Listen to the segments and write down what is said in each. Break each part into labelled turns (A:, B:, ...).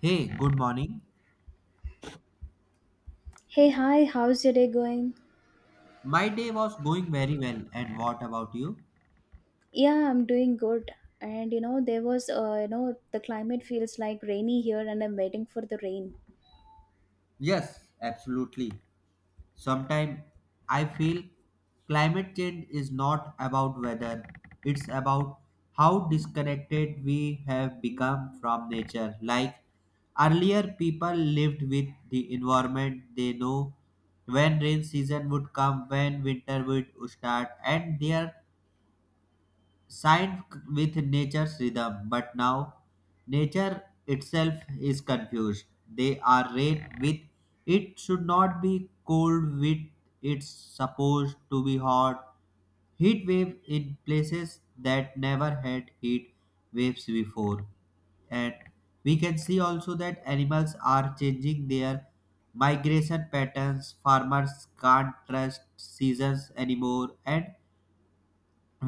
A: Hey, good morning.
B: Hey, hi, how's your day going?
A: My day was going very well, and what about you?
B: Yeah, I'm doing good. And you know, there was, you know, the climate feels like rainy here, and I'm waiting for the rain.
A: Yes, absolutely. Sometimes I feel climate change is not about weather, it's about how disconnected we have become from nature. Like earlier, people lived with the environment they know when rain season would come, when winter would start, and their signed with nature's rhythm, but now nature itself is confused. They are rain with it should not be cold with it's supposed to be hot. Heat wave in places that never had heat waves before. And we can see also that animals are changing their migration patterns. Farmers can't trust seasons anymore, and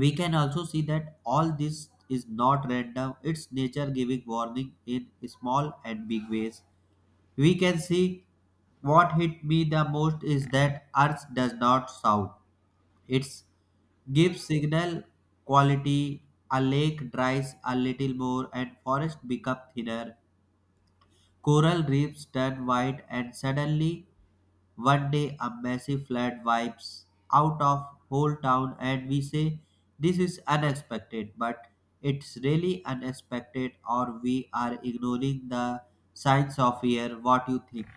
A: we can also see that all this is not random, its nature giving warning in small and big ways. We can see what hit me the most is that earth does not shout, it gives signal quality. A lake dries a little more and forest become thinner, coral reefs turn white, and suddenly one day a massive flood wipes out of whole town and we say this is unexpected, but it's really unexpected or we are ignoring the signs of fear. What you think?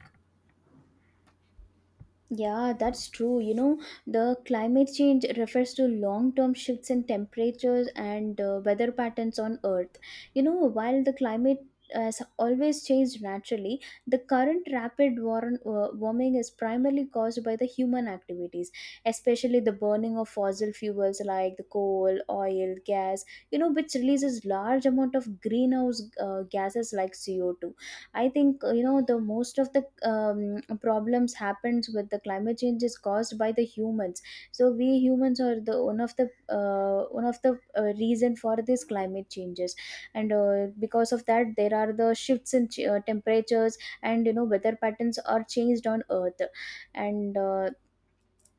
B: Yeah, that's true. You know, the climate change refers to long term shifts in temperatures and weather patterns on Earth. You know, while the climate has always changed naturally, the current rapid warming is primarily caused by the human activities, especially the burning of fossil fuels like the coal, oil, gas, you know, which releases large amount of greenhouse gases like CO2. I think you know, the most of the problems happens with the climate change is caused by the humans. So we humans are the one of the one of the reason for these climate changes. And because of that, there are the shifts in temperatures, and you know, weather patterns are changed on earth. And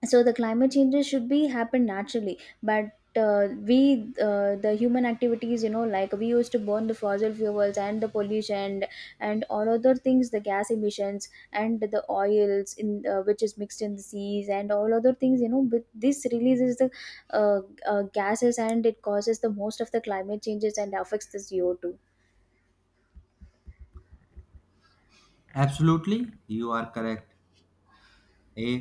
B: So the climate changes should be happen naturally, but we the human activities, you know, like we used to burn the fossil fuels and the pollution and all other things, the gas emissions and the oils in which is mixed in the seas and all other things, you know, but this releases the uh, gases, and it causes the most of the climate changes and affects the CO2.
A: Absolutely, you are correct. eh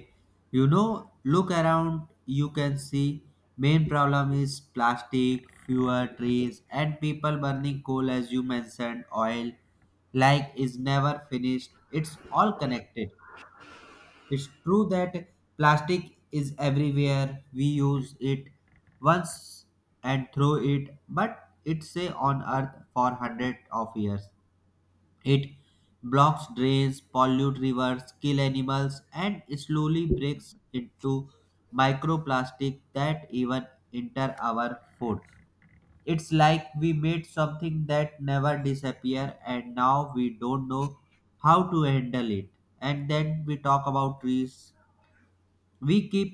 A: you know, look around, you can see main problem is plastic, fewer trees, and people burning coal, as you mentioned, oil. Like is never finished, it's all connected. It's true that plastic is everywhere. We use it once and throw it, but it's say on earth for hundreds of years. It blocks drains, pollute rivers, kill animals, and slowly breaks into microplastic that even enter our food. It's like we made something that never disappear and now we don't know how to handle it. And then we talk about trees, we keep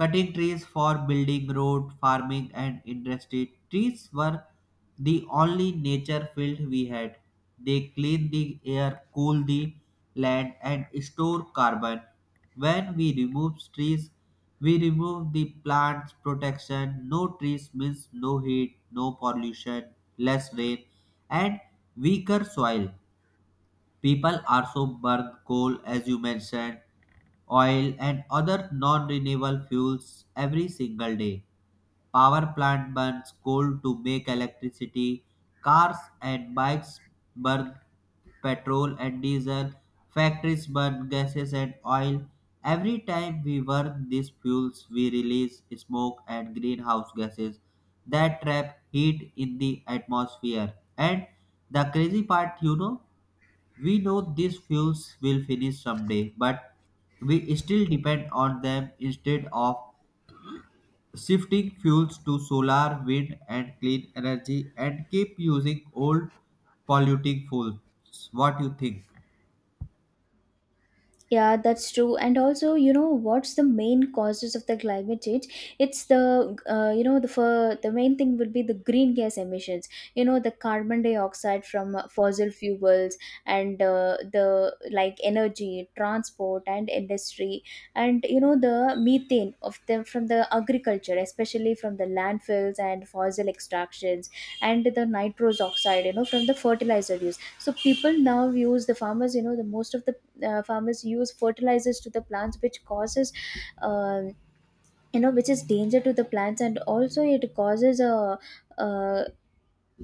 A: cutting trees for building road, farming, and industry. Trees were the only nature field we had. They clean the air, cool the land, and store carbon. When we remove trees, we remove the plants protection. No trees means no heat, no pollution, less rain, and weaker soil. People also burn coal, as you mentioned, oil, and other non renewable fuels every single day. Power plant burns coal to make electricity. Cars and bikes burn petrol and diesel. Factories burn gases and oil. Every time we burn these fuels, we release smoke and greenhouse gases that trap heat in the atmosphere. And the crazy part, you know, we know these fuels will finish someday, but we still depend on them instead of shifting fuels to solar, wind, and clean energy, and keep using old polluting fuels. What you think?
B: Yeah, that's true. And also, you know, what's the main causes of the climate change? It's the, you know, the for the main thing would be the green gas emissions. You know, the carbon dioxide from fossil fuels and the like energy, transport, and industry, and you know the methane of them from the agriculture, especially from the landfills and fossil extractions, and the nitrous oxide, you know, from the fertilizer use. So people now use the farmers, you know, the most of the farmers use fertilizers to the plants, which causes um you know, which is danger to the plants, and also it causes a uh,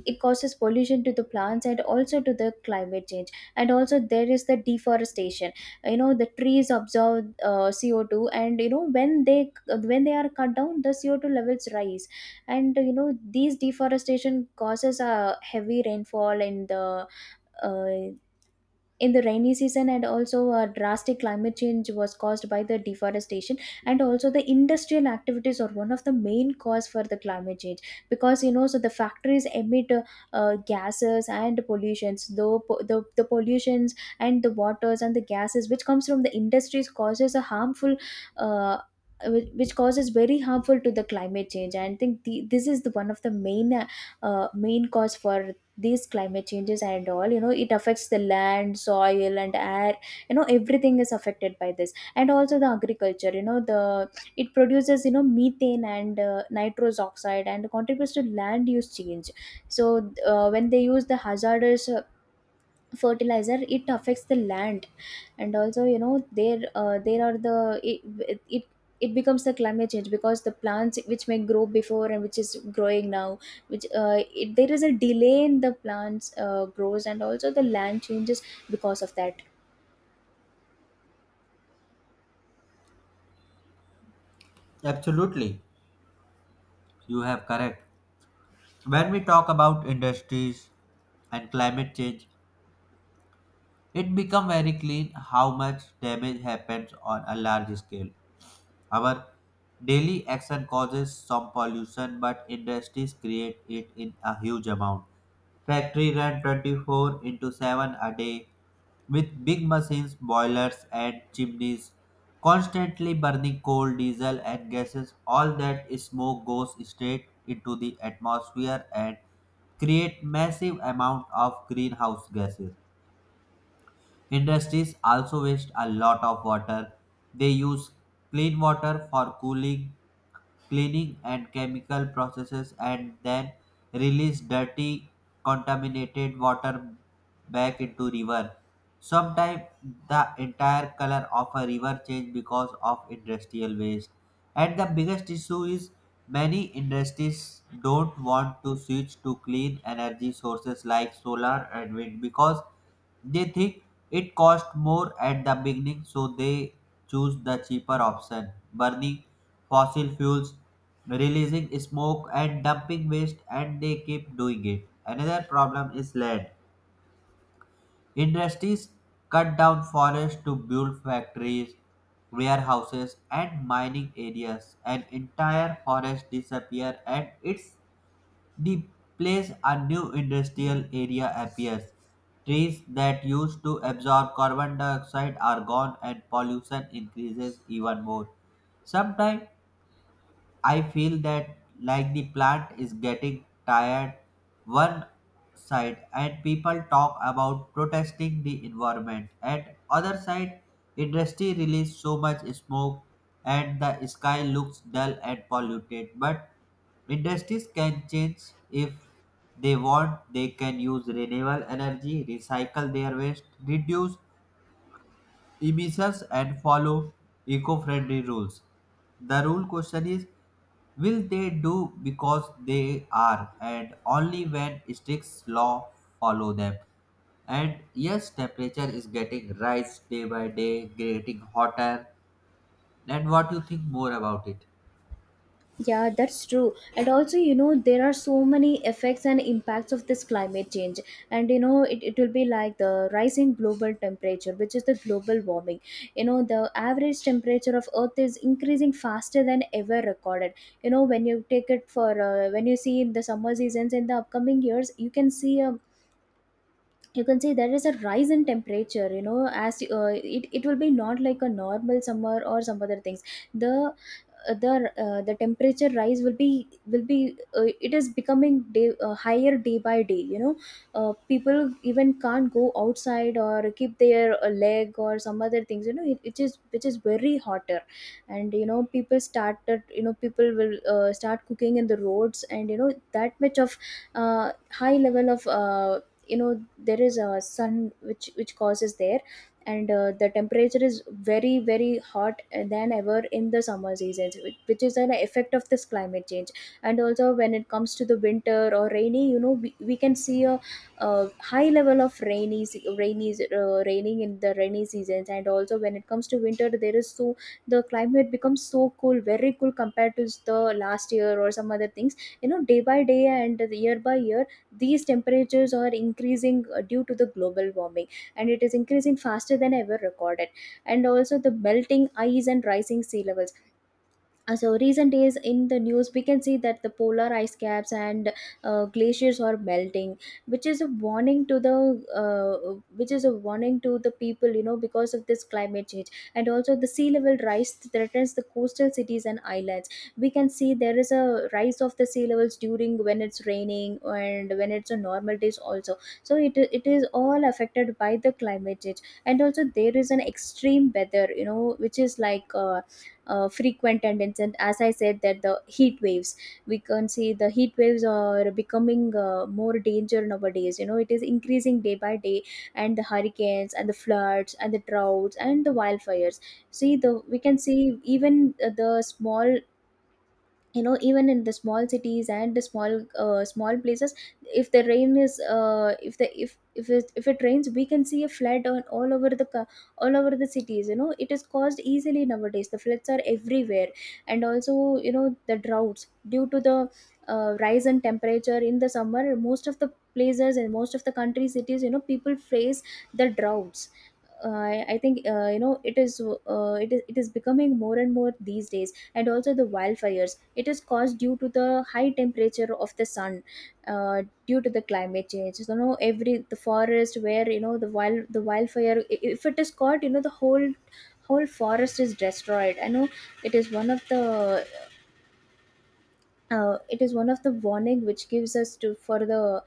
B: it causes pollution to the plants and also to the climate change. And also there is the deforestation. You know, the trees absorb CO2, and you know, when they are cut down, the CO2 levels rise. And you know, these deforestation causes a heavy rainfall uh, in the rainy season, and also a drastic climate change was caused by the deforestation. And also the industrial activities are one of the main cause for the climate change, because you know, so the factories emit gases and pollutions, the pollutions and the waters and the gases which comes from the industries causes a harmful uh, which causes very harmful to the climate change. And I think this is the one of the main main cause for these climate changes, and all, you know, it affects the land, soil and air. You know, everything is affected by this, and also the agriculture, you know, the it produces, you know, methane and nitrous oxide and contributes to land use change. So when they use the hazardous fertilizer, it affects the land. And also you know, there there are the it it becomes the climate change because the plants which may grow before and which is growing now, which there is a delay in the plants grows, and also the land changes because of that.
A: Absolutely, you have correct. When we talk about industries and climate change, it become very clear how much damage happens on a large scale. Our daily action causes some pollution, but industries create it in a huge amount. Factory run 24 into 7 a day with big machines, boilers, and chimneys constantly burning coal, diesel, and gases. All that smoke goes straight into the atmosphere and create massive amount of greenhouse gases. Industries also waste a lot of water. They use clean water for cooling, cleaning, and chemical processes and then release dirty, contaminated water back into river. Sometimes the entire color of a river changes because of industrial waste. And the biggest issue is many industries don't want to switch to clean energy sources like solar and wind because they think it costs more at the beginning, so they choose the cheaper option, burning fossil fuels, releasing smoke, and dumping waste, and they keep doing it. Another problem is land. Industries cut down forests to build factories, warehouses, and mining areas. An entire forest disappears and its replaced, a new industrial area appears. Trees that used to absorb carbon dioxide are gone and pollution increases even more. Sometimes I feel that like the plant is getting tired, one side, and people talk about protesting the environment, and other side, industry release so much smoke and the sky looks dull and polluted. But industries can change if they want. They can use renewable energy, recycle their waste, reduce emissions, and follow eco-friendly rules. The rule question is, will they do, because they are and only when strict law follow them. And yes, temperature is getting rise day by day, getting hotter. And what you think more about it?
B: Yeah, that's true. And also, you know, there are so many effects and impacts of this climate change. And, you know, it will be like the rising global temperature, which is the global warming. You know, the average temperature of Earth is increasing faster than ever recorded. You know, when you take it for, when you see in the summer seasons in the upcoming years, you can see a you can say there is a rise in temperature. You know, as it, it will be not like a normal summer or some other things. The uh, the uh, the temperature rise will be. It is becoming higher day by day, you know. People even can't go outside or keep their leg or some other things, you know. It is which is very hotter. And you know, people started, you know, people will start cooking in the roads, and you know, that much of uh, high level of you know, there is a sun which causes there. And the temperature is very very hot than ever in the summer seasons, which is an effect of this climate change. And also when it comes to the winter or rainy, you know, we can see a high level of rainy raining in the rainy seasons. And also when it comes to winter, there is so the climate becomes so cool, very cool compared to the last year or some other things. You know, day by day and year by year, these temperatures are increasing due to the global warming, and it is increasing faster than ever recorded. And also the melting ice and rising sea levels. So recent days in the news we can see that the polar ice caps and glaciers are melting, which is a warning to the people, you know, because of this climate change. And also the sea level rise threatens the coastal cities and islands. We can see there is a rise of the sea levels during when it's raining and when it's a normal days also. So it is all affected by the climate change. And also there is an extreme weather, you know, which is like frequent tendency, and as I said that the heat waves, we can see the heat waves are becoming more danger nowadays, you know, it is increasing day by day. And the hurricanes and the floods and the droughts and the wildfires. See the We can see even the small, you know, even in the small cities and the small places, if the rain is if the if it rains, we can see a flood on all over the all over the cities. You know, it is caused easily nowadays, the floods are everywhere. And also you know, the droughts due to the rise in temperature in the summer, most of the places and most of the country cities, you know, people face the droughts. I think you know, it is it is becoming more and more these days. And also the wildfires, it is caused due to the high temperature of the sun, due to the climate change. So, you know, every the forest where you know, the wildfire if it is caught, you know, the whole forest is destroyed. I know it is one of the it is one of the warning which gives us to for the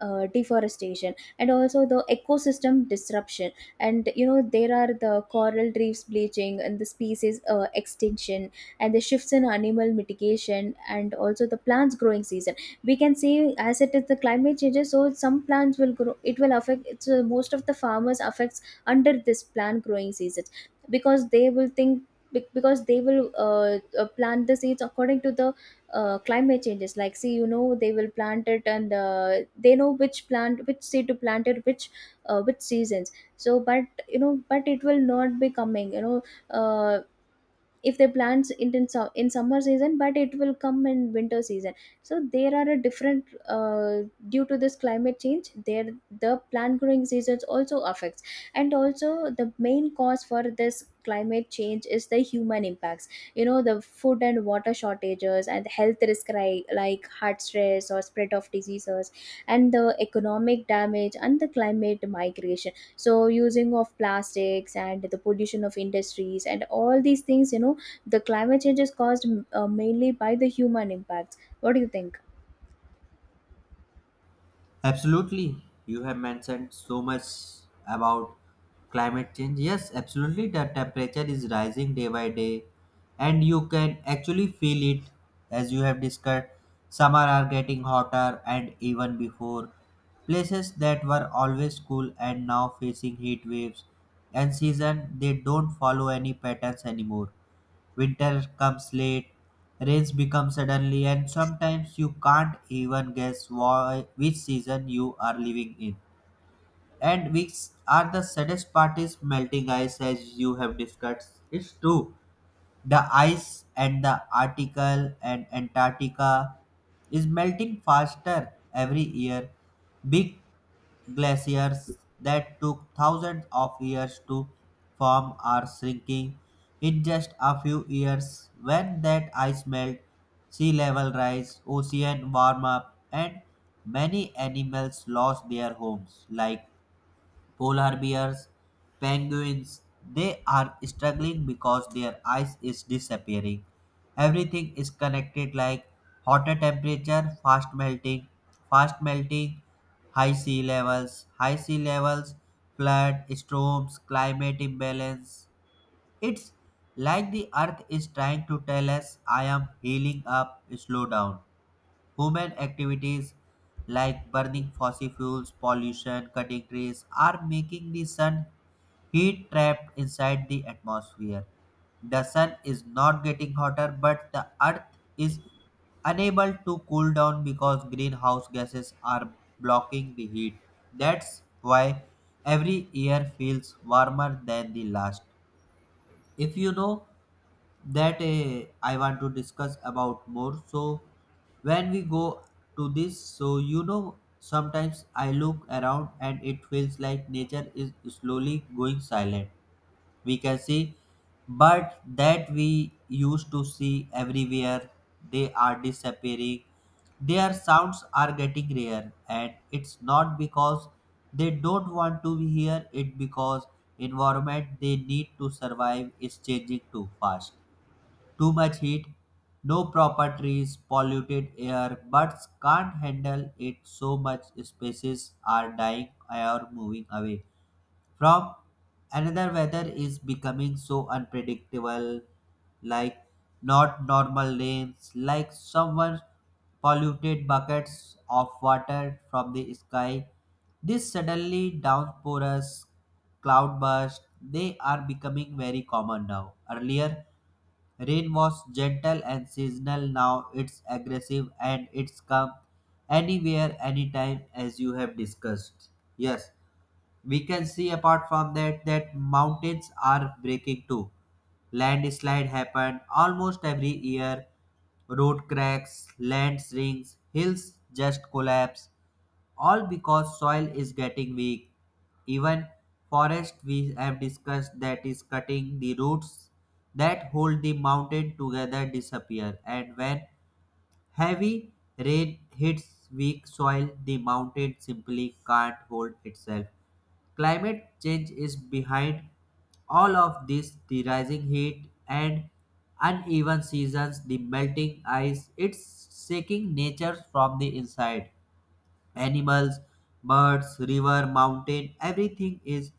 B: deforestation. And also the ecosystem disruption, and you know, there are the coral reefs bleaching and the species extinction and the shifts in animal mitigation, and also the plants growing season. We can say as it is the climate changes, so some plants will grow, it will affect most of the farmers affects under this plant growing seasons, because they will think because they will plant the seeds according to the climate changes. Like, see, you know, they will plant it, and they know which plant, which seed to plant it, which seasons. So, but you know, but it will not be coming, you know, uh, if they plant it in, in summer season, but it will come in winter season. So there are a different due to this climate change there, the plant growing seasons also affects. And also the main cause for this climate change is the human impacts. You know, the food and water shortages and health risk, like heart stress or spread of diseases, and the economic damage and the climate migration. So using of plastics and the pollution of industries and all these things, you know, the climate change is caused mainly by the human impacts. What do you think?
A: Absolutely. You have mentioned so much about climate change. Yes, absolutely. The temperature is rising day by day, and you can actually feel it as you have discussed. Summer are getting hotter, and even before, places that were always cool and now facing heat waves, and season they don't follow any patterns anymore. Winter comes late, rains become suddenly, and sometimes you can't even guess why, which season you are living in, and which are the saddest part is melting ice, as you have discussed. It's true, the ice and the Arctic and Antarctica is melting faster every year. Big glaciers that took thousands of years to form are shrinking in just a few years. When that ice melt, sea level rise, ocean warm up, and many animals lost their homes, like polar bears, penguins, they are struggling because their ice is disappearing. Everything is connected, like hotter temperature, fast melting, high sea levels, flood, storms, climate imbalance. It's like the earth is trying to tell us, I am healing up, slow down. Human activities like burning fossil fuels, pollution, cutting trees are making the sun heat trapped inside the atmosphere. The sun is not getting hotter, but the earth is unable to cool down because greenhouse gases are blocking the heat. That's why every year feels warmer than the last. If you know that, I want to discuss about more. So when we go to this, so you know, sometimes I look around and it feels like nature is slowly going silent. We can see but that we used to see everywhere, they are disappearing, their sounds are getting rare, and it's not because they don't want to be here, it because environment they need to survive is changing too fast. Too much heat, no proper trees, polluted air, birds can't handle it, so much species are dying or moving away from another. Weather is becoming so unpredictable, like not normal rains, like someone polluted buckets of water from the sky. This suddenly downpours, cloudbursts, they are becoming very common now. Earlier, rain was gentle and seasonal. Now it's aggressive and it's come anywhere, anytime, as you have discussed. Yes, we can see apart from that that mountains are breaking too. Landslide happen almost every year, road cracks, land shrinks, hills just collapse, all because soil is getting weak. Even forest, we have discussed that is cutting the roots that hold the mountain together disappear. And when heavy rain hits weak soil, the mountain simply can't hold itself. Climate change is behind all of this, the rising heat and uneven seasons, the melting ice, it's shaking nature from the inside. Animals, birds, river, mountain, everything is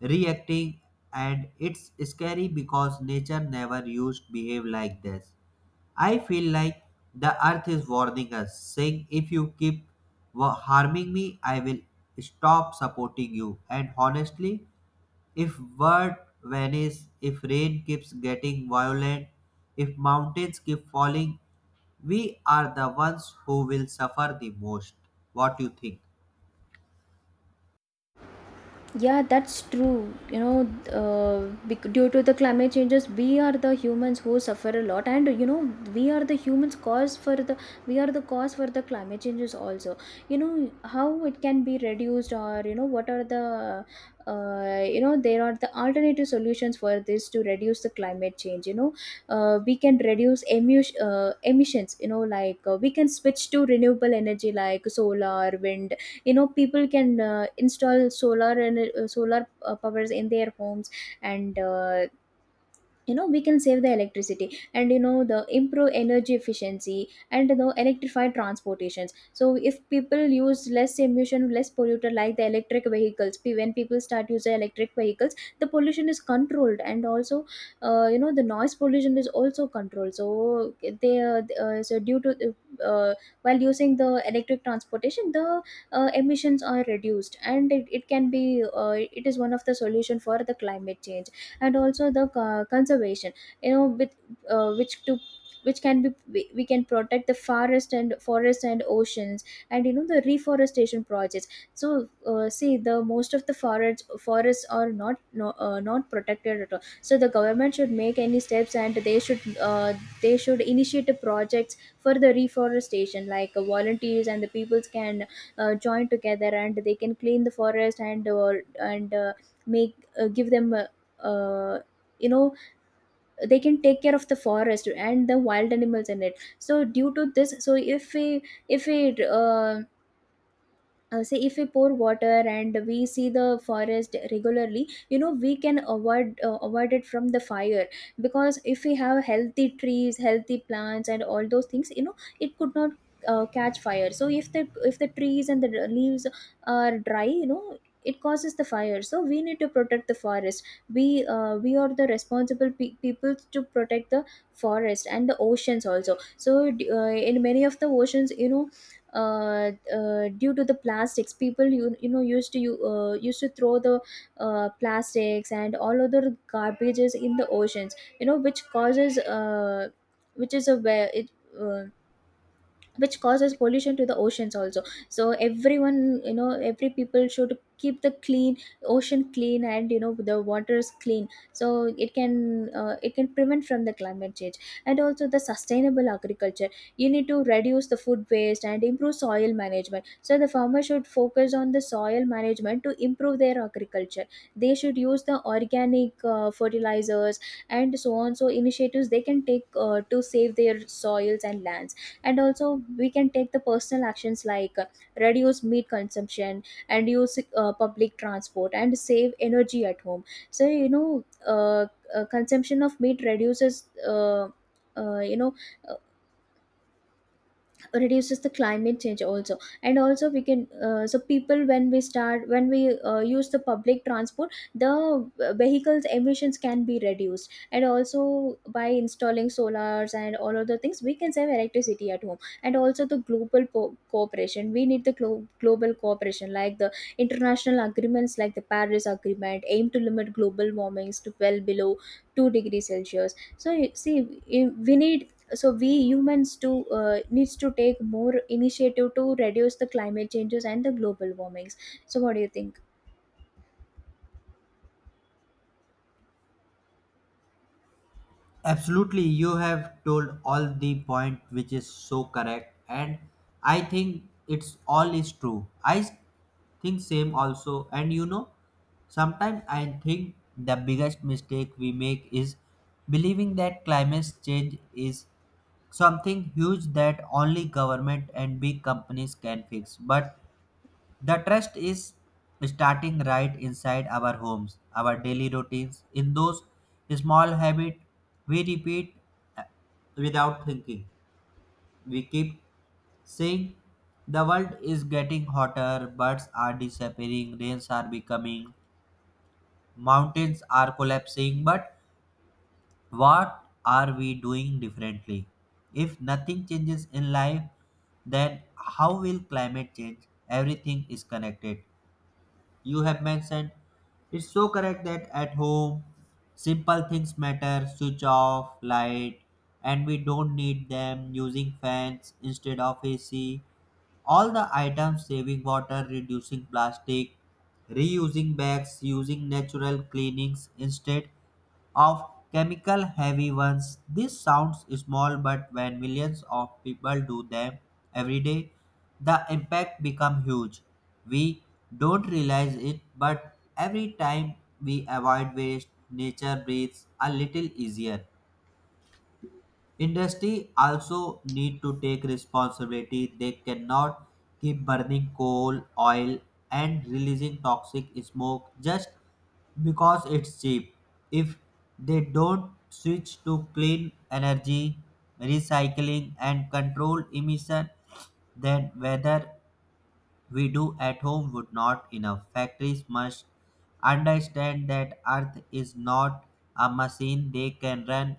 A: reacting, and it's scary because nature never used to behave like this. I feel like the earth is warning us, saying, If you keep harming me, I will stop supporting you. And honestly, if word vanishes, if rain keeps getting violent, if mountains keep falling, we are the ones who will suffer the most. What do you think?
B: Yeah, that's true. You know, due to the climate changes, we are the humans who suffer a lot. And you know, we are the humans cause for the we are the cause for the climate changes also. You know, how it can be reduced, or you know, what are the you know, there are the alternative solutions for this to reduce the climate change. You know, we can reduce emissions. You know, like we can switch to renewable energy like solar, wind. You know, people can install solar and solar powers in their homes. And we can save the electricity, and you know, the improve energy efficiency, and you know, electrify transportations. So if people use less emission, less polluter like the electric vehicles, when people start using electric vehicles the pollution is controlled, and also you know, the noise pollution is also controlled. So they so due to uh, while using the electric transportation the emissions are reduced, and it can be it is one of the solution for the climate change. And also the conservation, you know, with uh, which to which can be, we can protect the forest and forest and oceans, and you know, the reforestation projects. So see, the most of the forests are not protected at all. So the government should make any steps, and uh, they should initiate projects for the reforestation, like volunteers and the peoples can join together, and they can clean the forest, and make give them uh, you know they can take care of the forest and the wild animals in it. So due to this, so if we say if we pour water and we see the forest regularly, you know, we can avoid it from the fire. Because if we have healthy trees, healthy plants and all those things, you know, it could not catch fire. So if the trees and the leaves are dry, you know, it causes the fire. So we need to protect the forest. We are the responsible people to protect the forest and the oceans also. So in many of the oceans, you know, due to the plastics, people used to throw the plastics and all other garbages in the oceans, you know, which causes which is a where it uh, which causes pollution to the oceans also. So everyone, you know, every people should keep the clean ocean clean, and you know, the waters clean. So it can prevent from the climate change. And also the sustainable agriculture, you need to reduce the food waste and improve soil management. So the farmer should focus on the soil management to improve their agriculture. They should use the organic fertilizers and so on, so initiatives they can take to save their soils and lands. And also we can take the personal actions, like reduce meat consumption and use public transport and save energy at home. So consumption of meat reduces uh, you know reduces the climate change also. And also we can so people when we start, when we use the public transport, the vehicles emissions can be reduced. And also by installing solars and all other things, we can save electricity at home. And also the cooperation, we need the global cooperation, like the international agreements like the Paris Agreement aim to limit global warmings to well below 2 degrees celsius. So you see, we need, we humans do needs to take more initiative to reduce the climate changes and the global warmings. So what do you think?
A: Absolutely, you have told all the point which is so correct, and I think it's all is true. Think same also, and you know, sometimes I think the biggest mistake we make is believing that climate change is something huge that only government and big companies can fix, but the trust is starting right inside our homes, our daily routines in those small habits, we repeat uh, without thinking. We keep saying the world is getting hotter, birds are disappearing, rains are becoming, mountains are collapsing, but what are we doing differently? If nothing changes in life, then how will climate change? Everything is connected. You have mentioned, it's so correct that at home, simple things matter, switch off, light, and we don't need them, using fans instead of AC. All the items, saving water, reducing plastic, reusing bags, using natural cleanings instead of chemical heavy ones. This sounds small, but when millions of people do them every day, the impact becomes huge. We don't realize it, but every time we avoid waste, nature breathes a little easier. Industry also need to take responsibility. They cannot keep burning coal, oil, and releasing toxic smoke just because it's cheap. If they don't switch to clean energy, recycling, and control emission, then whether we do at home would not enough. Factories must understand that Earth is not a machine they can run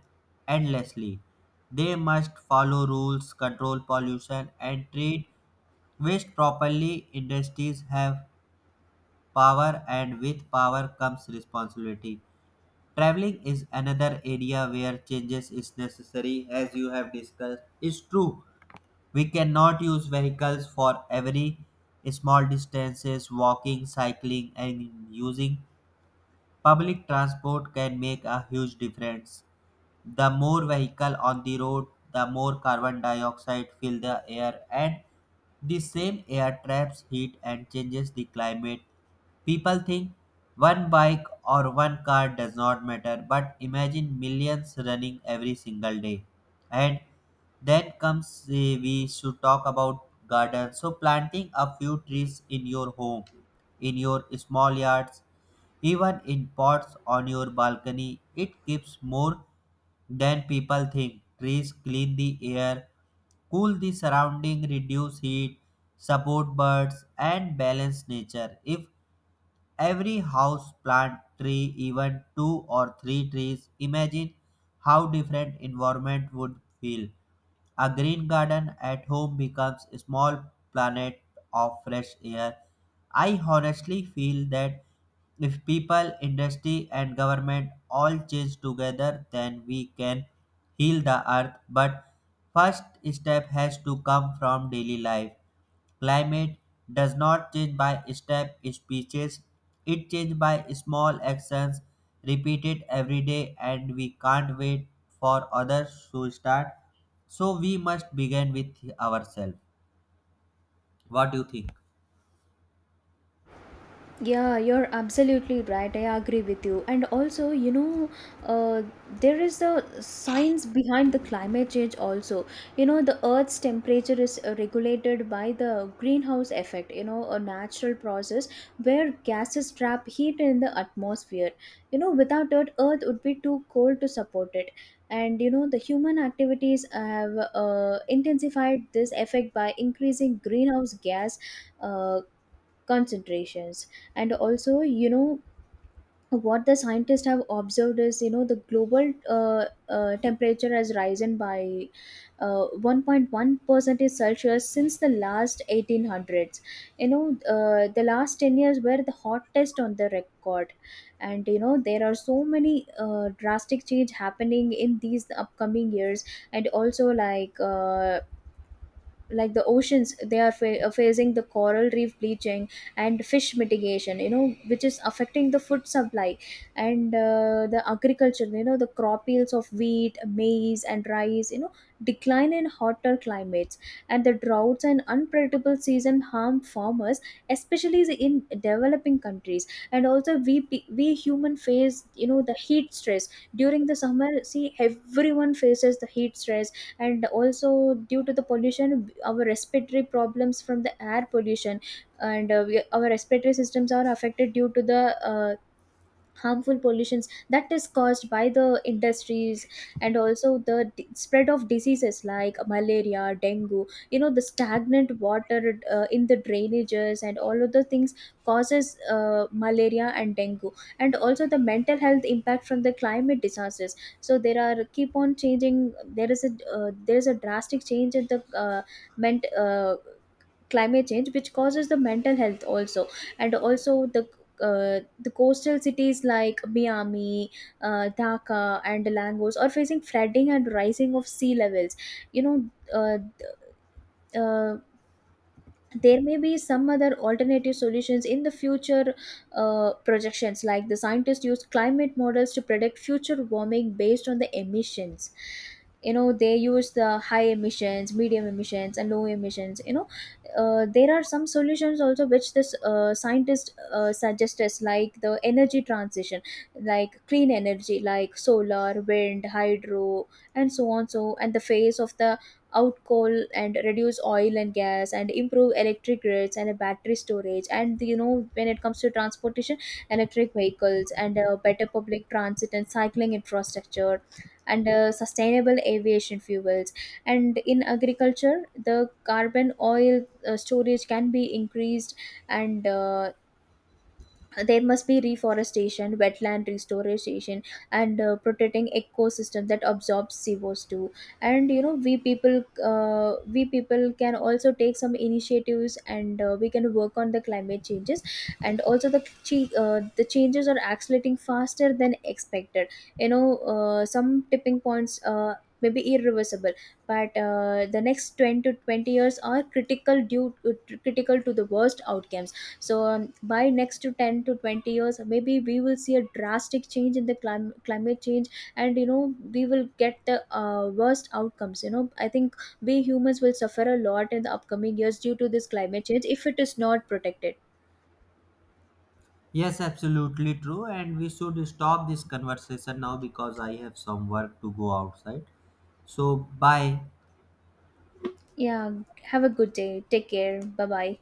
A: endlessly. They must follow rules, control pollution, and treat waste properly. Industries have power, and with power comes responsibility. Traveling is another area where changes is necessary, as you have discussed. It's true, we cannot use vehicles for every small distances, walking, cycling, and using public transport can make a huge difference. The more vehicle on the road, the more carbon dioxide fill the air, and the same air traps heat and changes the climate. People think one bike or one car does not matter, but imagine millions running every single day. And then comes, we should talk about gardens. So planting a few trees in your home, in your small yards, even in pots on your balcony, it keeps more than people think. Trees clean the air, cool the surrounding, reduce heat, support birds, and balance nature. If every house plant tree, even two or three trees. Imagine how different environment would feel. A green garden at home becomes a small planet of fresh air. I honestly feel that if people, industry, and government all change together, then we can heal the earth. But first step has to come from daily life. Climate does not change by step speeches, it changes by small actions repeated every day, and we can't wait for others to start. So we must begin with ourselves. What do you think?
B: Yeah, you're absolutely right. I agree with you. And also, you know, uh, there is the science behind the climate change also. You know, the Earth's temperature is regulated by the greenhouse effect, you know, a natural process where gases trap heat in the atmosphere. You know, without it, Earth would be too cold to support it. And you know, the human activities have intensified this effect by increasing greenhouse gas uh, concentrations. And also, you know, what the scientists have observed is, you know, the global temperature has risen by 1.1 percentage celsius since the last 1800s. You know, the last 10 years were the hottest on the record. And you know, there are so many drastic change happening in these upcoming years. And also like the oceans, they are facing the coral reef bleaching and fish mitigation, you know, which is affecting the food supply. And the agriculture, you know, the crop yields of wheat, maize and rice, you know, decline in hotter climates. And the droughts and unpredictable season harm farmers, especially in developing countries. And also we we human face, you know, the heat stress during the summer. See, everyone faces the heat stress. And also due to the pollution, our respiratory problems from the air pollution, and our respiratory systems are affected due to the harmful pollutions that is caused by the industries. And also the spread of diseases like malaria, dengue, you know, the stagnant water in the drainages and all of the things causes malaria and dengue. And also the mental health impact from the climate disasters. So there are keep on changing, there is a drastic change in the ment- uh, climate change, which causes the mental health also. And also the coastal cities like Miami, Dhaka, and Langos are facing flooding and rising of sea levels. You know, uh, uh, there may be some other alternative solutions in the future. Projections, like the scientists use climate models to predict future warming based on the emissions. You know, they use the high emissions, medium emissions and low emissions. You know, there are some solutions also which this scientist suggest us, like the energy transition, like clean energy like solar, wind, hydro and so on. So, and the phase of the out coal, and reduce oil and gas, and improve electric grids and battery storage. And you know, when it comes to transportation, electric vehicles and better public transit and cycling infrastructure, and sustainable aviation fuels. And in agriculture, the carbon oil storage can be increased. And there must be reforestation, wetland restoration, and protecting ecosystem that absorbs CO2. And you know, we people, we people can also take some initiatives, and we can work on the climate changes. And also the the changes are accelerating faster than expected. You know, some tipping points may be irreversible. But the next twenty to 20 years are critical, due critical to the worst outcomes. So by next to 10 to 20 years maybe we will see a drastic change in the climate change. And you know, we will get the worst outcomes. You know, I think we humans will suffer a lot in the upcoming years due to this climate change if it is not protected.
A: Yes, absolutely true. And we should stop this conversation now because I have some work to go outside. So, bye.
B: Yeah, have a good day, take care, bye bye.